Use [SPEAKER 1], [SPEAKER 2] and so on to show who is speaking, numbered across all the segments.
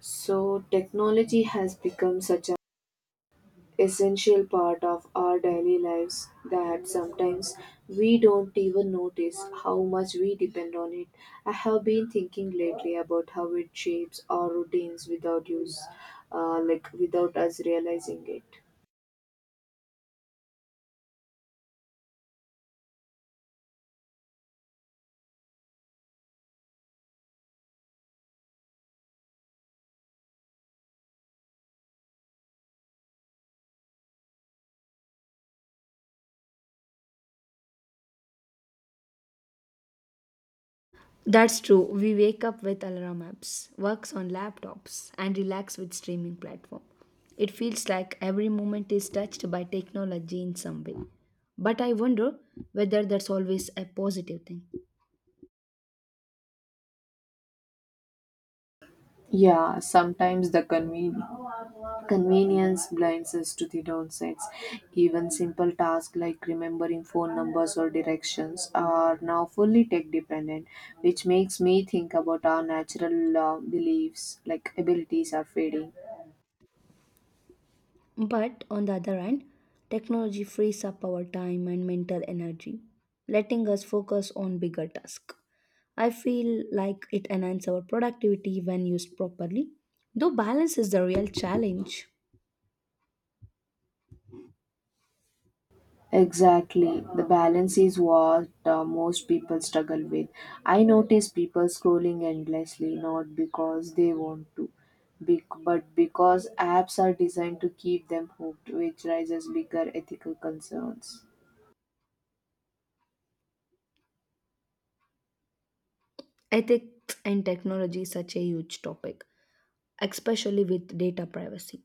[SPEAKER 1] So technology has become such an essential part of our daily lives that sometimes we don't even notice how much we depend on it. I have been thinking lately about how it shapes our routines without use, like without us realizing it.
[SPEAKER 2] That's true. We wake up with alarm apps, works on laptops, and relax with streaming platform. It feels like every moment is touched by technology in some way. But I wonder whether that's always a positive thing.
[SPEAKER 1] Yeah, sometimes the convenience blinds us to the downsides. Even simple tasks like remembering phone numbers or directions are now fully tech dependent, which makes me think about our natural beliefs, like abilities, are fading.
[SPEAKER 2] But on the other hand, technology frees up our time and mental energy, letting us focus on bigger tasks. I feel like it enhances our productivity when used properly, though balance is the real challenge.
[SPEAKER 1] Exactly. The balance is what most people struggle with. I notice people scrolling endlessly, not because they want to, but because apps are designed to keep them hooked, which raises bigger ethical concerns.
[SPEAKER 2] Ethics and technology is such a huge topic, especially with data privacy.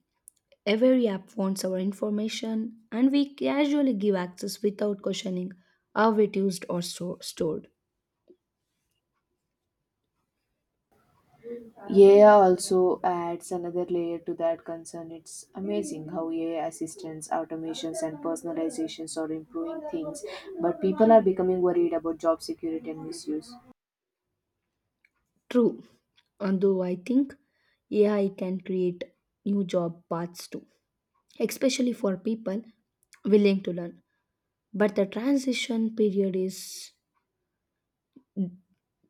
[SPEAKER 2] Every app wants our information, and we casually give access without questioning how it used or stored.
[SPEAKER 1] AI also adds another layer to that concern. It's amazing how AI assistants, automations, and personalizations are improving things, but people are becoming worried about job security and misuse.
[SPEAKER 2] True, although I think AI can create new job paths too, especially for people willing to learn. But the transition period is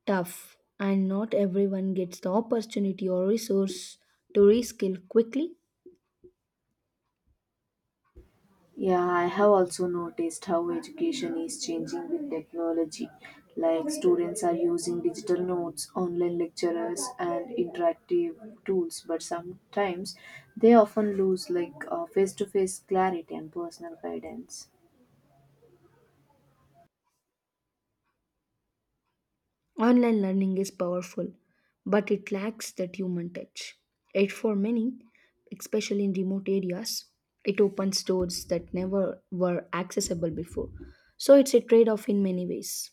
[SPEAKER 2] tough, and not everyone gets the opportunity or resource to reskill quickly.
[SPEAKER 1] Yeah, I have also noticed how education is changing with technology. Like students are using digital notes, online lecturers, and interactive tools, but sometimes they often lose like face to face clarity and personal guidance.
[SPEAKER 2] Online learning is powerful, but it lacks that human touch. Yet, for many, especially in remote areas, it opens doors that never were accessible before. So, it's a trade off in many ways.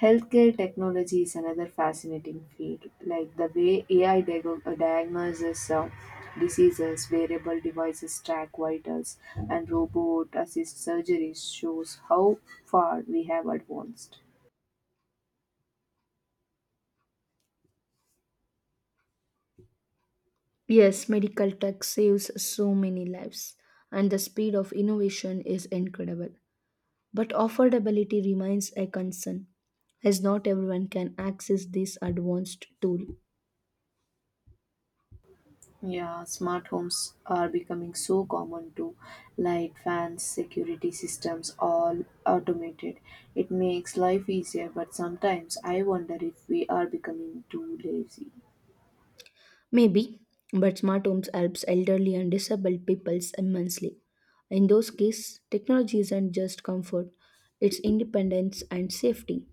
[SPEAKER 1] Healthcare technology is another fascinating field, like the way AI diagnoses diseases, wearable devices track vitals, and robot assist surgeries shows how far we have advanced.
[SPEAKER 2] Yes, medical tech saves so many lives, and the speed of innovation is incredible. But affordability remains a concern, as not everyone can access this advanced tool.
[SPEAKER 1] Yeah, smart homes are becoming so common too. Light, fans, security systems, all automated. It makes life easier, but sometimes I wonder if we are becoming too lazy.
[SPEAKER 2] Maybe, but smart homes helps elderly and disabled peoples immensely. In those cases, technology isn't just comfort, it's independence and safety.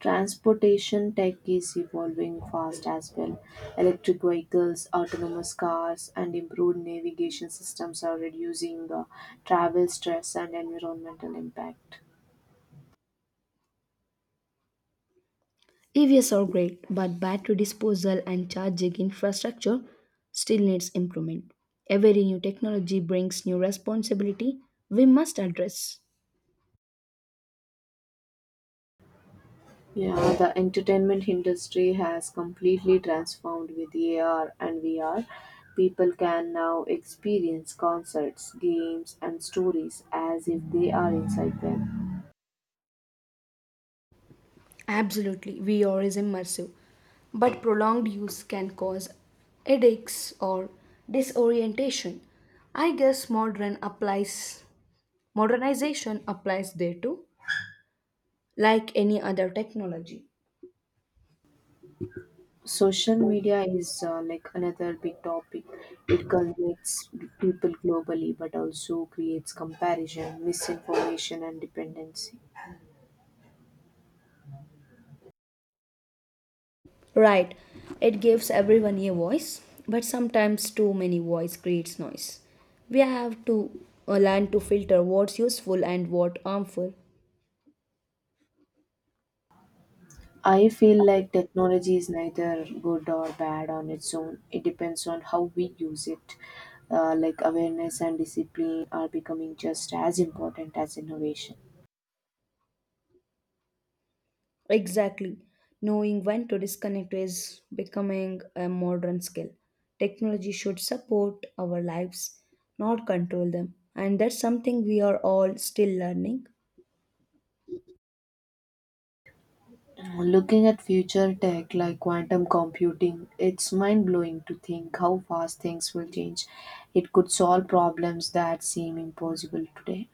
[SPEAKER 1] Transportation tech is evolving fast as well. Electric vehicles, autonomous cars, and improved navigation systems are reducing travel stress and environmental impact.
[SPEAKER 2] EVs are great, but battery disposal and charging infrastructure still needs improvement. Every new technology brings new responsibility we must address.
[SPEAKER 1] Yeah, the entertainment industry has completely transformed with AR and VR. People can now experience concerts, games, and stories as if they are inside them.
[SPEAKER 2] Absolutely, VR is immersive, but prolonged use can cause headaches or disorientation. I guess modernization applies there too, like any other technology.
[SPEAKER 1] Social media is like another big topic. It connects people globally but also creates comparison, misinformation, and dependency.
[SPEAKER 2] Right, it gives everyone a voice, but sometimes too many voice creates noise. We have to learn to filter what's useful and what harmful.
[SPEAKER 1] I feel like technology is neither good or bad on its own. It depends on how we use it. Like awareness and discipline are becoming just as important as innovation.
[SPEAKER 2] Exactly. Knowing when to disconnect is becoming a modern skill. Technology should support our lives, not control them. And that's something we are all still learning.
[SPEAKER 1] Looking at future tech like quantum computing, it's mind blowing to think how fast things will change. It could solve problems that seem impossible today.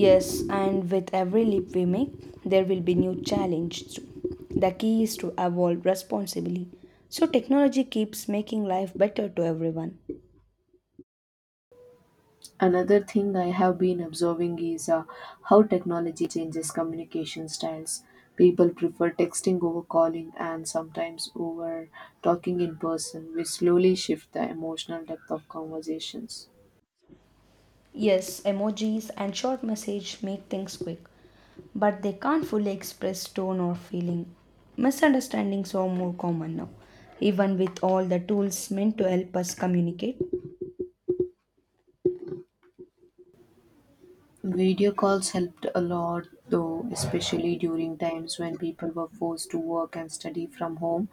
[SPEAKER 2] Yes, and with every leap we make, there will be new challenges too. The key is to evolve responsibly. So technology keeps making life better to everyone.
[SPEAKER 1] Another thing I have been observing is how technology changes communication styles. People prefer texting over calling and sometimes over talking in person, which slowly shift the emotional depth of conversations.
[SPEAKER 2] Yes, emojis and short message make things quick, but they can't fully express tone or feeling. Misunderstandings are more common now, even with all the tools meant to help us communicate.
[SPEAKER 1] Video calls helped a lot though, especially during times when people were forced to work and study from home.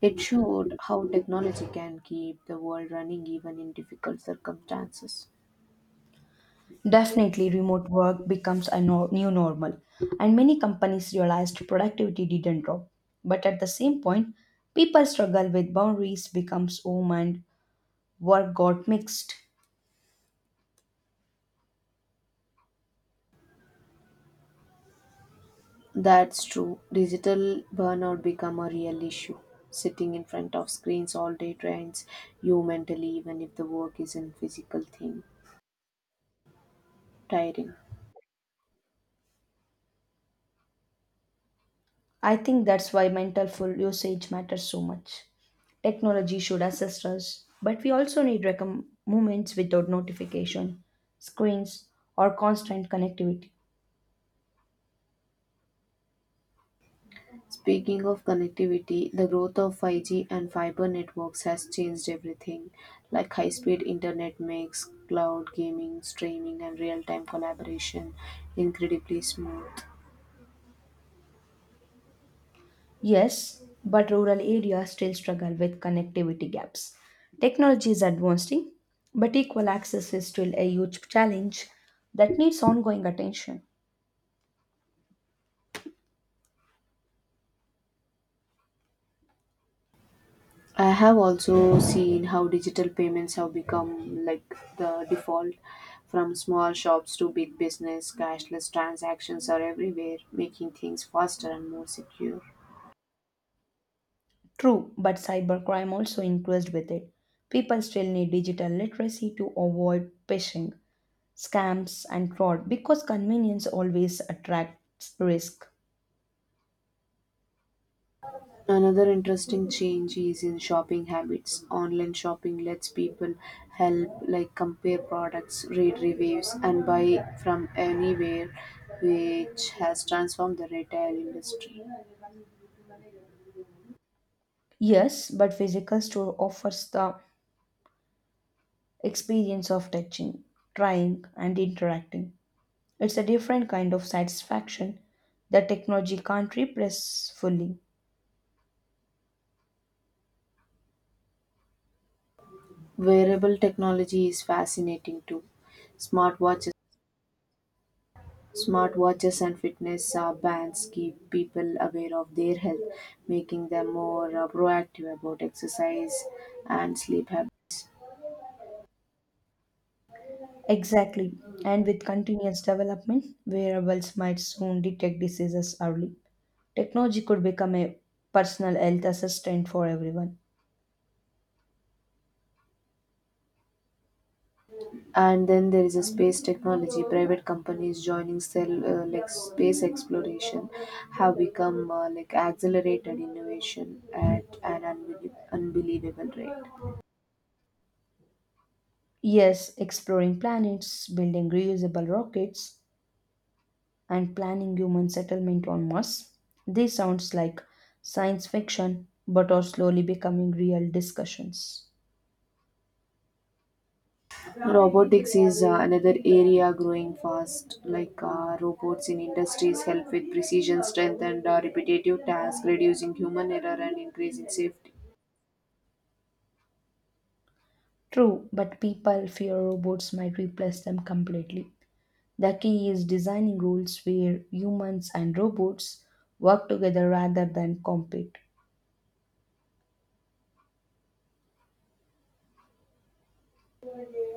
[SPEAKER 1] It showed how technology can keep the world running even in difficult circumstances.
[SPEAKER 2] Definitely, remote work becomes a new normal, and many companies realized productivity didn't drop. But at the same point, people struggle with boundaries becomes home and work got mixed.
[SPEAKER 1] That's true. Digital burnout become a real issue. Sitting in front of screens all day drains you mentally even if the work isn't physical thing tiring.
[SPEAKER 2] I think that's why mental full usage matters so much. Technology should assist us, but we also need recomm moments without notification, screens, or constant connectivity.
[SPEAKER 1] Speaking of connectivity, the growth of 5G and fiber networks has changed everything, like high speed internet makes cloud gaming, streaming, and real time collaboration incredibly smooth.
[SPEAKER 2] Yes, but rural areas still struggle with connectivity gaps. Technology is advancing, but equal access is still a huge challenge that needs ongoing attention.
[SPEAKER 1] I have also seen how digital payments have become like the default. From small shops to big business, cashless transactions are everywhere, making things faster and more secure.
[SPEAKER 2] True, but cybercrime also increased with it. People still need digital literacy to avoid phishing scams and fraud because convenience always attracts risk.
[SPEAKER 1] Another interesting change is in shopping habits. Online shopping lets people help like compare products, read reviews and buy from anywhere which has transformed the retail industry.
[SPEAKER 2] Yes, but physical store offers the experience of touching, trying, and interacting. It's a different kind of satisfaction that technology can't replace fully.
[SPEAKER 1] Wearable technology is fascinating too. Smartwatches Smartwatches and fitness bands keep people aware of their health, making them more proactive about exercise and sleep habits.
[SPEAKER 2] Exactly. And with continuous development, wearables might soon detect diseases early. Technology could become a personal health assistant for everyone.
[SPEAKER 1] And then there is a space technology. Private companies joining cell like space exploration have become like accelerated innovation at an unbelievable rate.
[SPEAKER 2] Yes, exploring planets, building reusable rockets, and planning human settlement on Mars. This sounds like science fiction, but are slowly becoming real discussions.
[SPEAKER 1] Robotics is another area growing fast. Like robots in industries help with precision, strength, and repetitive tasks, reducing human error and increasing safety.
[SPEAKER 2] True, but people fear robots might replace them completely. The key is designing rules where humans and robots work together rather than compete.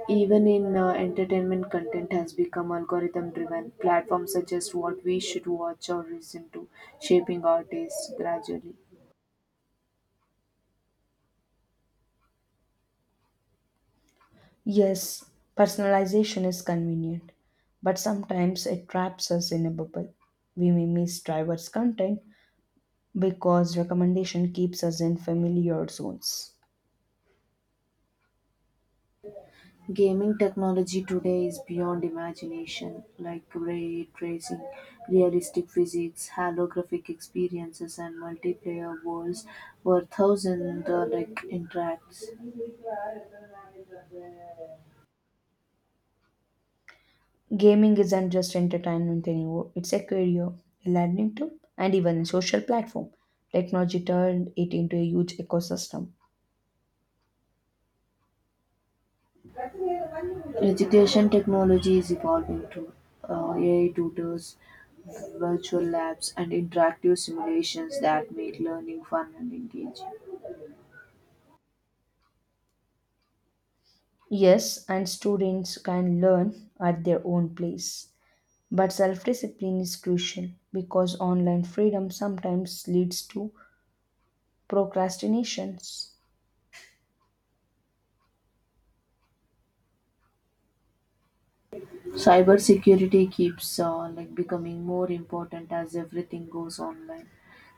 [SPEAKER 1] Even in entertainment, content has become algorithm driven. Platforms suggest what we should watch or listen to, shaping our tastes gradually.
[SPEAKER 2] Yes, personalization is convenient, but sometimes it traps us in a bubble. We may miss driver's content because recommendation keeps us in familiar zones.
[SPEAKER 1] Gaming technology today is beyond imagination, like ray tracing, realistic physics, holographic experiences, and multiplayer worlds where thousands like interacts.
[SPEAKER 2] Gaming isn't just entertainment anymore, it's a career, a learning tool, and even a social platform. Technology turned it into a huge ecosystem.
[SPEAKER 1] Education technology is evolving too. AI tutors, virtual labs, and interactive simulations that make learning fun and engaging.
[SPEAKER 2] Yes, and students can learn at their own pace. But self discipline is crucial because online freedom sometimes leads to procrastinations.
[SPEAKER 1] Cybersecurity keeps like becoming more important as everything goes online.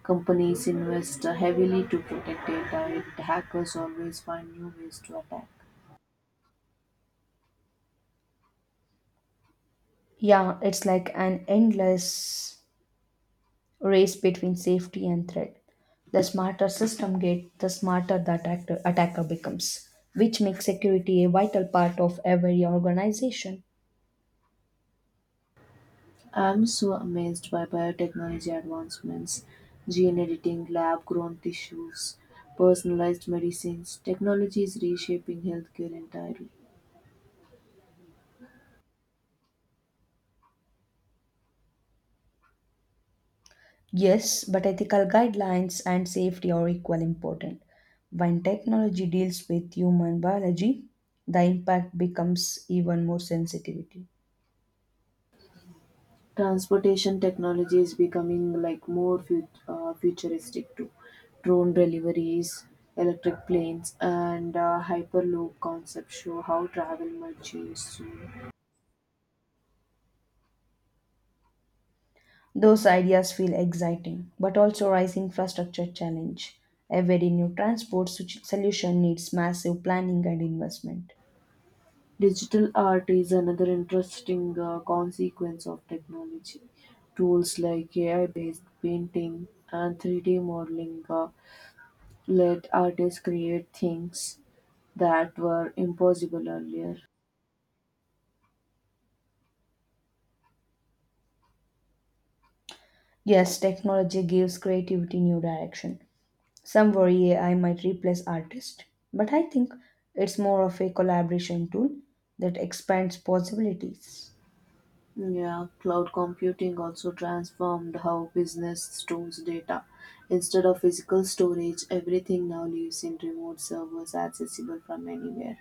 [SPEAKER 1] Companies invest heavily to protect data, yet hackers always find new ways to attack.
[SPEAKER 2] Yeah, it's like an endless race between safety and threat. The smarter system gets, the smarter the attacker becomes, which makes security a vital part of every organization.
[SPEAKER 1] I'm so amazed by biotechnology advancements, gene editing, lab grown tissues, personalized medicines. Technology is reshaping healthcare entirely.
[SPEAKER 2] Yes, but ethical guidelines and safety are equally important. When technology deals with human biology, the impact becomes even more sensitivity.
[SPEAKER 1] Transportation technology is becoming like more futuristic too. Drone deliveries, electric planes, and hyperloop concepts show how travel might change soon.
[SPEAKER 2] Those ideas feel exciting, but also rise infrastructure challenge. Every new transport solution needs massive planning and investment.
[SPEAKER 1] Digital art is another interesting consequence of technology. Tools like AI based painting and 3D modeling let artists create things that were impossible earlier.
[SPEAKER 2] Yes, technology gives creativity new direction. Some worry AI might replace artists, but I think it's more of a collaboration tool that expands possibilities.
[SPEAKER 1] Yeah, cloud computing also transformed how business stores data. Instead of physical storage, everything now lives in remote servers accessible from anywhere.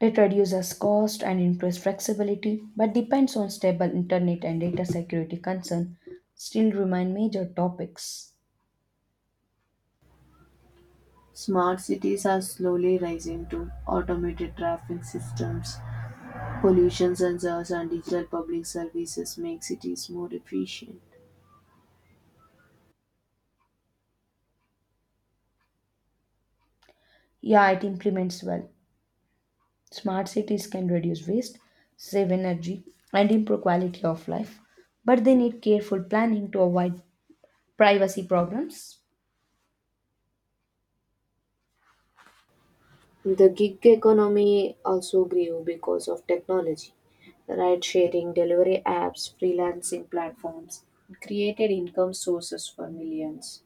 [SPEAKER 2] It reduces cost and improves flexibility, but depends on stable internet and data security concern still remain major topics.
[SPEAKER 1] Smart cities are slowly rising to automated traffic systems. Pollution sensors and digital public services make cities more efficient.
[SPEAKER 2] Yeah, it implements well. Smart cities can reduce waste, save energy, and improve quality of life, but they need careful planning to avoid privacy problems?
[SPEAKER 1] The gig economy also grew because of technology. Ride sharing, delivery apps, freelancing platforms created income sources for millions.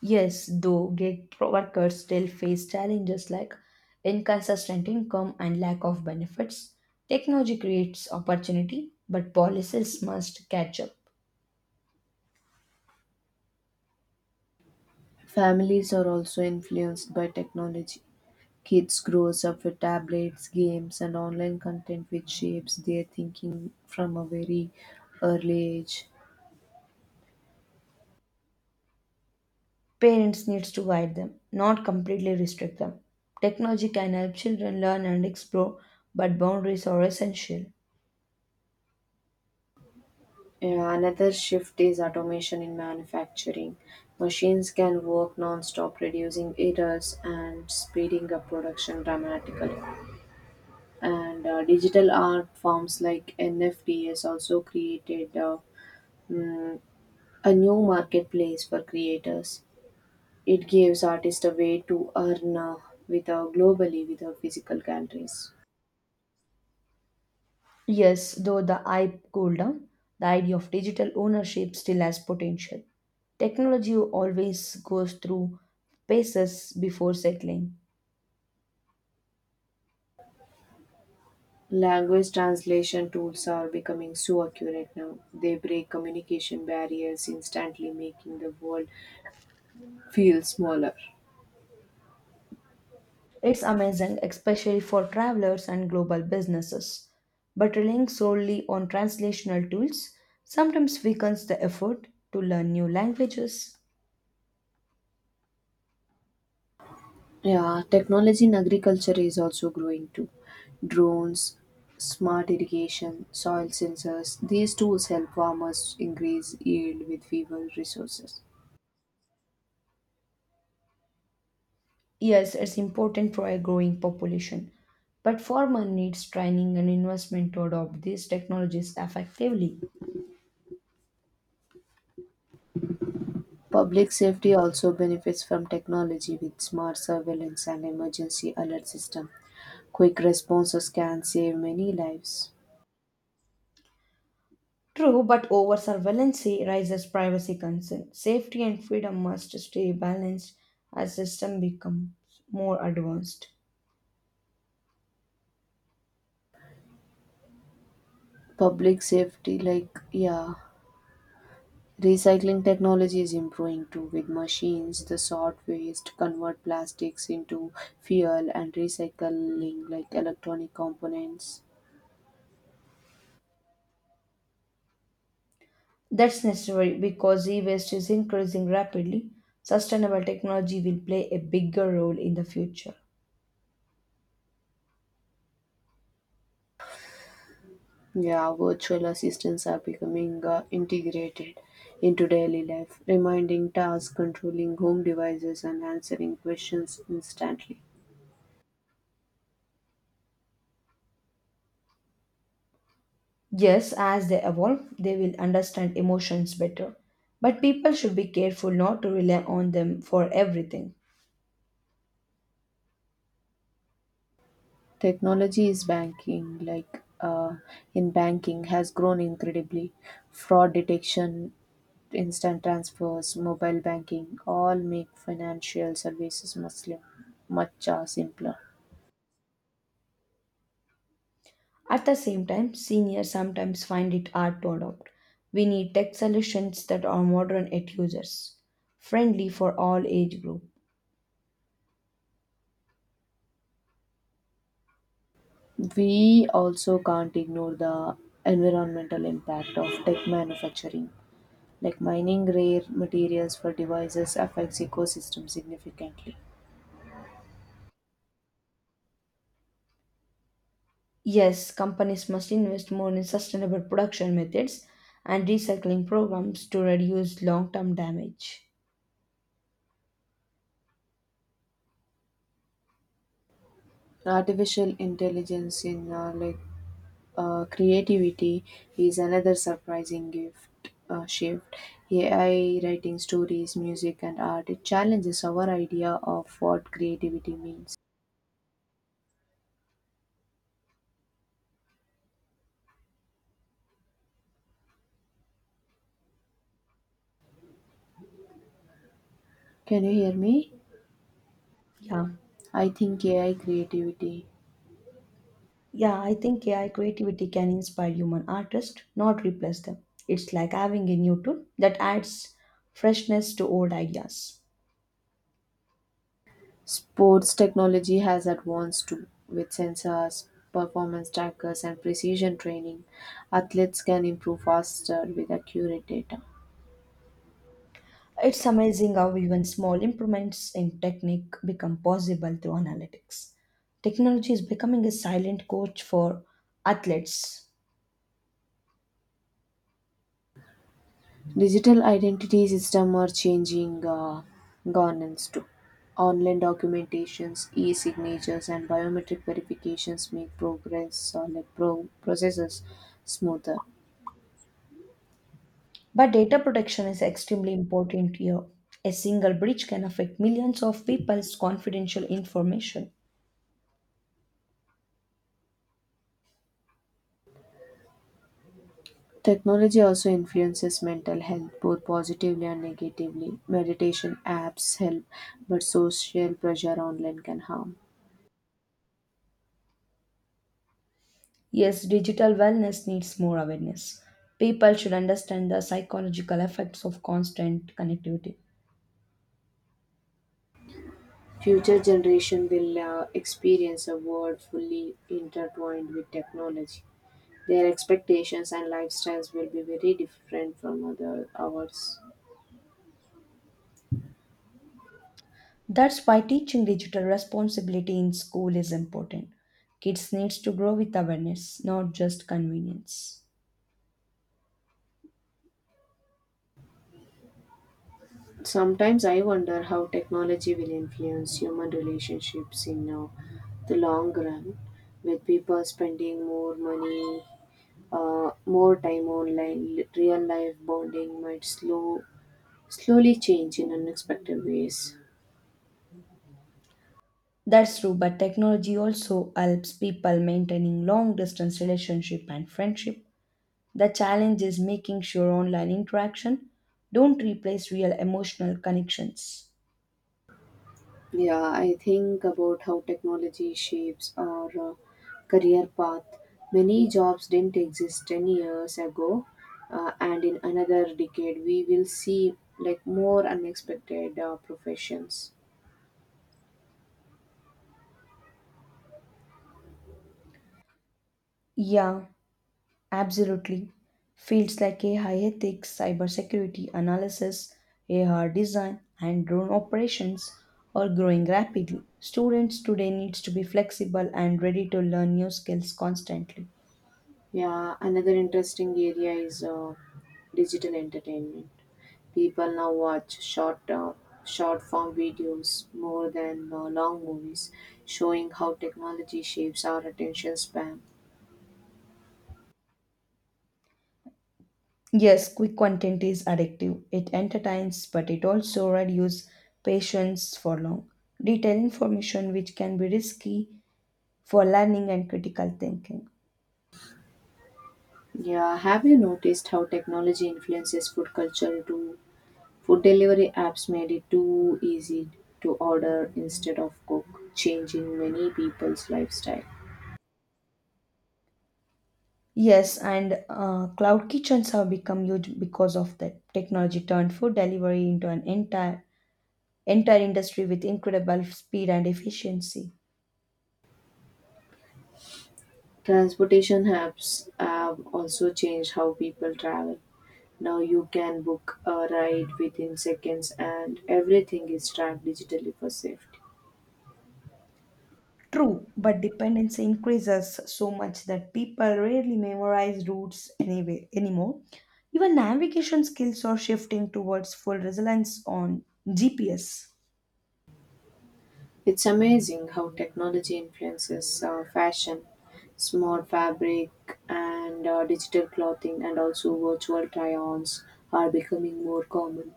[SPEAKER 2] Yes, though workers still face challenges like inconsistent income and lack of benefits. Technology creates opportunity, but policies must catch up.
[SPEAKER 1] Families are also influenced by technology. Kids grows up with tablets, games, and online content, which shapes their thinking from a very early age.
[SPEAKER 2] Parents needs to guide them, not completely restrict them. Technology can help children learn and explore, but boundaries are essential.
[SPEAKER 1] Yeah, another shift is automation in manufacturing. Machines can work non-stop, reducing errors and speeding up production dramatically. And digital art forms like NFT has also created mm, a new marketplace for creators. It gives artists a way to earn with globally with physical countries.
[SPEAKER 2] Yes, though the hype cooled down, the idea of digital ownership still has potential. Technology always goes through phases before settling.
[SPEAKER 1] Language translation tools are becoming so accurate now. They break communication barriers instantly, making the world feel smaller.
[SPEAKER 2] It's amazing, especially for travelers and global businesses. But relying solely on translational tools sometimes weakens the effort to learn new languages.
[SPEAKER 1] Yeah, technology in agriculture is also growing too. Drones, smart irrigation, soil sensors, these tools help farmers increase yield with fewer resources.
[SPEAKER 2] Yes, it's important for a growing population, but farmer needs training and investment to adopt these technologies effectively.
[SPEAKER 1] Public safety also benefits from technology with smart surveillance and emergency alert system. Quick responses can save many lives.
[SPEAKER 2] True, but over surveillance rises privacy concern. Safety and freedom must stay balanced as system becomes more advanced.
[SPEAKER 1] Public safety like yeah, recycling technology is improving too, with machines the sort waste convert plastics into fuel and recycling like electronic components.
[SPEAKER 2] That's necessary because e-waste is increasing rapidly. Sustainable technology will play a bigger role in the future.
[SPEAKER 1] Yeah, virtual assistants are becoming integrated into daily life, reminding tasks, controlling home devices and answering questions instantly.
[SPEAKER 2] Yes, as they evolve, they will understand emotions better. But people should be careful not to rely on them for everything.
[SPEAKER 1] Technology is banking, like in banking, has grown incredibly. Fraud detection, instant transfers, mobile banking, all make financial services much simpler.
[SPEAKER 2] At the same time, seniors sometimes find it hard to adopt. We need tech solutions that are modern yet users friendly for all age group.
[SPEAKER 1] We also can't ignore the environmental impact of tech manufacturing. Like mining rare materials for devices affects ecosystem significantly.
[SPEAKER 2] Yes, companies must invest more in sustainable production methods and recycling programs to reduce long-term damage.
[SPEAKER 1] Artificial intelligence in like creativity is another surprising gift shift. AI writing stories, music, and art, it challenges our idea of what creativity means. Can you hear me?
[SPEAKER 2] Yeah.
[SPEAKER 1] I think AI creativity.
[SPEAKER 2] Yeah, I think AI creativity can inspire human artists, not replace them. It's like having a new tool that adds freshness to old ideas.
[SPEAKER 1] Sports technology has advanced too, with sensors, performance trackers, and precision training. Athletes can improve faster with accurate data.
[SPEAKER 2] It's amazing how even small improvements in technique become possible through analytics. Technology is becoming a silent coach for athletes.
[SPEAKER 1] Digital identity systems are changing governance too. Online documentations, e-signatures, and biometric verifications make progress or like pro- processes smoother.
[SPEAKER 2] But data protection is extremely important here. A single breach can affect millions of people's confidential information.
[SPEAKER 1] Technology also influences mental health both positively and negatively. Meditation apps help, but social pressure online can harm.
[SPEAKER 2] Yes, digital wellness needs more awareness. People should understand the psychological effects of constant connectivity.
[SPEAKER 1] Future generation will experience a world fully intertwined with technology. Their expectations and lifestyles will be very different from other ours.
[SPEAKER 2] That's why teaching digital responsibility in school is important. Kids needs to grow with awareness, not just convenience.
[SPEAKER 1] Sometimes I wonder how technology will influence human relationships in the long run, with people spending more money, more time online. Real life bonding might slowly change in unexpected ways.
[SPEAKER 2] That's true, but technology also helps people maintaining long distance relationship and friendship. The challenge is making sure online interaction don't replace real emotional connections.
[SPEAKER 1] Yeah, I think about how technology shapes our career path. Many jobs didn't exist 10 years ago, and in another decade, we will see like more unexpected professions.
[SPEAKER 2] Yeah. Absolutely. Fields like AI ethics, cybersecurity analysis, AR design, and drone operations are growing rapidly. Students today needs to be flexible and ready to learn new skills constantly.
[SPEAKER 1] Yeah, another interesting area is digital entertainment. People now watch short form videos more than long movies, showing how technology shapes our attention span.
[SPEAKER 2] Yes, quick content is addictive. It entertains, but it also reduces patience for long. Detailed information which can be risky for learning and critical thinking.
[SPEAKER 1] Yeah, have you noticed how technology influences food culture too? Food delivery apps made it too easy to order instead of cook, changing many people's lifestyle.
[SPEAKER 2] Yes, and cloud kitchens have become huge because of that. Technology turned food delivery into an entire industry with incredible speed and efficiency.
[SPEAKER 1] Transportation apps have also changed how people travel. Now you can book a ride within seconds and everything is tracked digitally for safety.
[SPEAKER 2] True, but dependency increases so much that people rarely memorize routes anyway anymore. Even navigation skills are shifting towards full reliance on GPS.
[SPEAKER 1] It's amazing how technology influences fashion, smart fabric, and digital clothing, and also virtual try ons are becoming more common.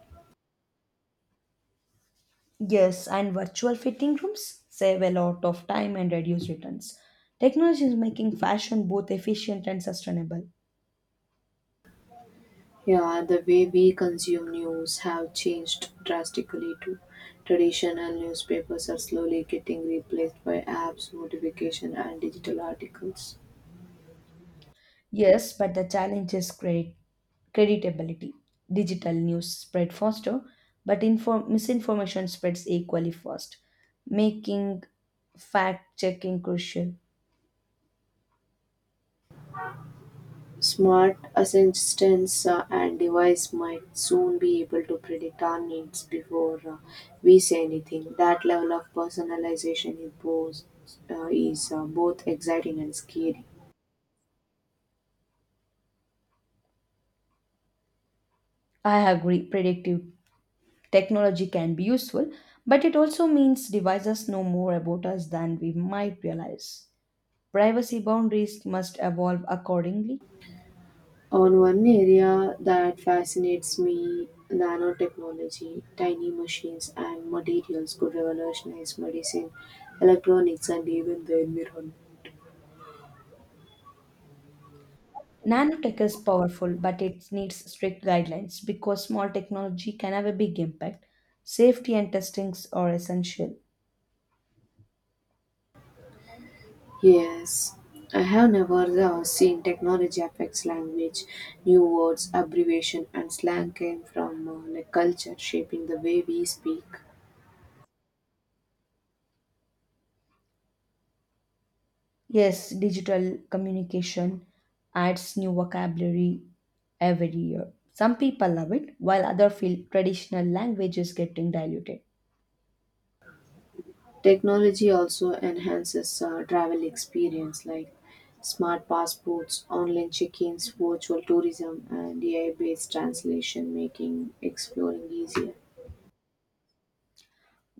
[SPEAKER 2] Yes, and virtual fitting rooms save a lot of time and reduce returns. Technology is making fashion both efficient and sustainable.
[SPEAKER 1] Yeah, the way we consume news have changed drastically too. Traditional newspapers are slowly getting replaced by apps, notification, and digital articles.
[SPEAKER 2] Yes, but the challenge is creditability. Digital news spread faster, but misinformation spreads equally fast, making fact checking crucial.
[SPEAKER 1] Smart assistants and devices might soon be able to predict our needs before we say anything. That level of personalization is both exciting and scary.
[SPEAKER 2] I agree, predictive technology can be useful, but it also means devices know more about us than we might realize. Privacy boundaries must evolve accordingly.
[SPEAKER 1] On one area that fascinates me, nanotechnology, tiny machines and materials could revolutionize medicine, electronics, and even the environment.
[SPEAKER 2] Nanotech is powerful, but it needs strict guidelines because small technology can have a big impact. Safety and testings are essential.
[SPEAKER 1] Yes, I have never seen technology affects language. New words, abbreviation, and slang came from like culture shaping the way we speak.
[SPEAKER 2] Yes, digital communication adds new vocabulary every year. Some people love it, while others feel traditional language is getting diluted.
[SPEAKER 1] Technology also enhances travel experience like smart passports, online check-ins, virtual tourism, and AI-based translation, making exploring easier.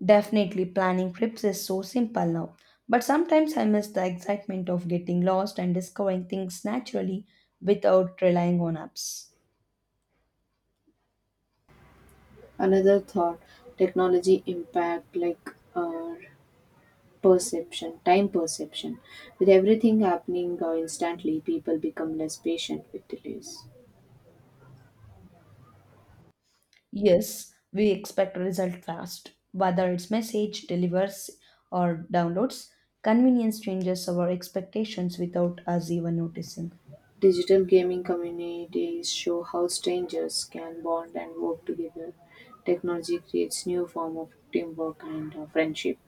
[SPEAKER 2] Definitely, planning trips is so simple now, but sometimes I miss the excitement of getting lost and discovering things naturally without relying on apps.
[SPEAKER 1] Another thought: technology impact like time perception. With everything happening instantly, people become less patient with delays.
[SPEAKER 2] Yes, we expect result fast. Whether it's message, delivers, or downloads, convenience changes our expectations without us even noticing.
[SPEAKER 1] Digital gaming communities show how strangers can bond and work together. Technology creates new form of teamwork and friendship.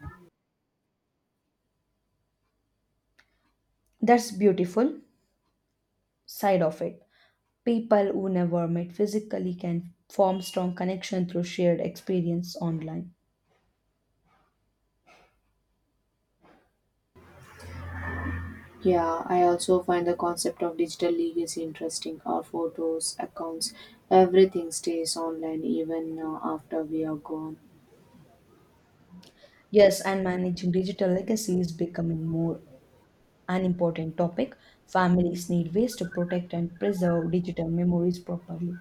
[SPEAKER 2] That's beautiful side of it. People who never met physically can form strong connection through shared experience online.
[SPEAKER 1] Yeah, I also find the concept of digital legacy interesting. Our photos, accounts, everything stays online even after we are gone.
[SPEAKER 2] Yes, and managing digital legacy is becoming more an important topic. Families need ways to protect and preserve digital memories properly.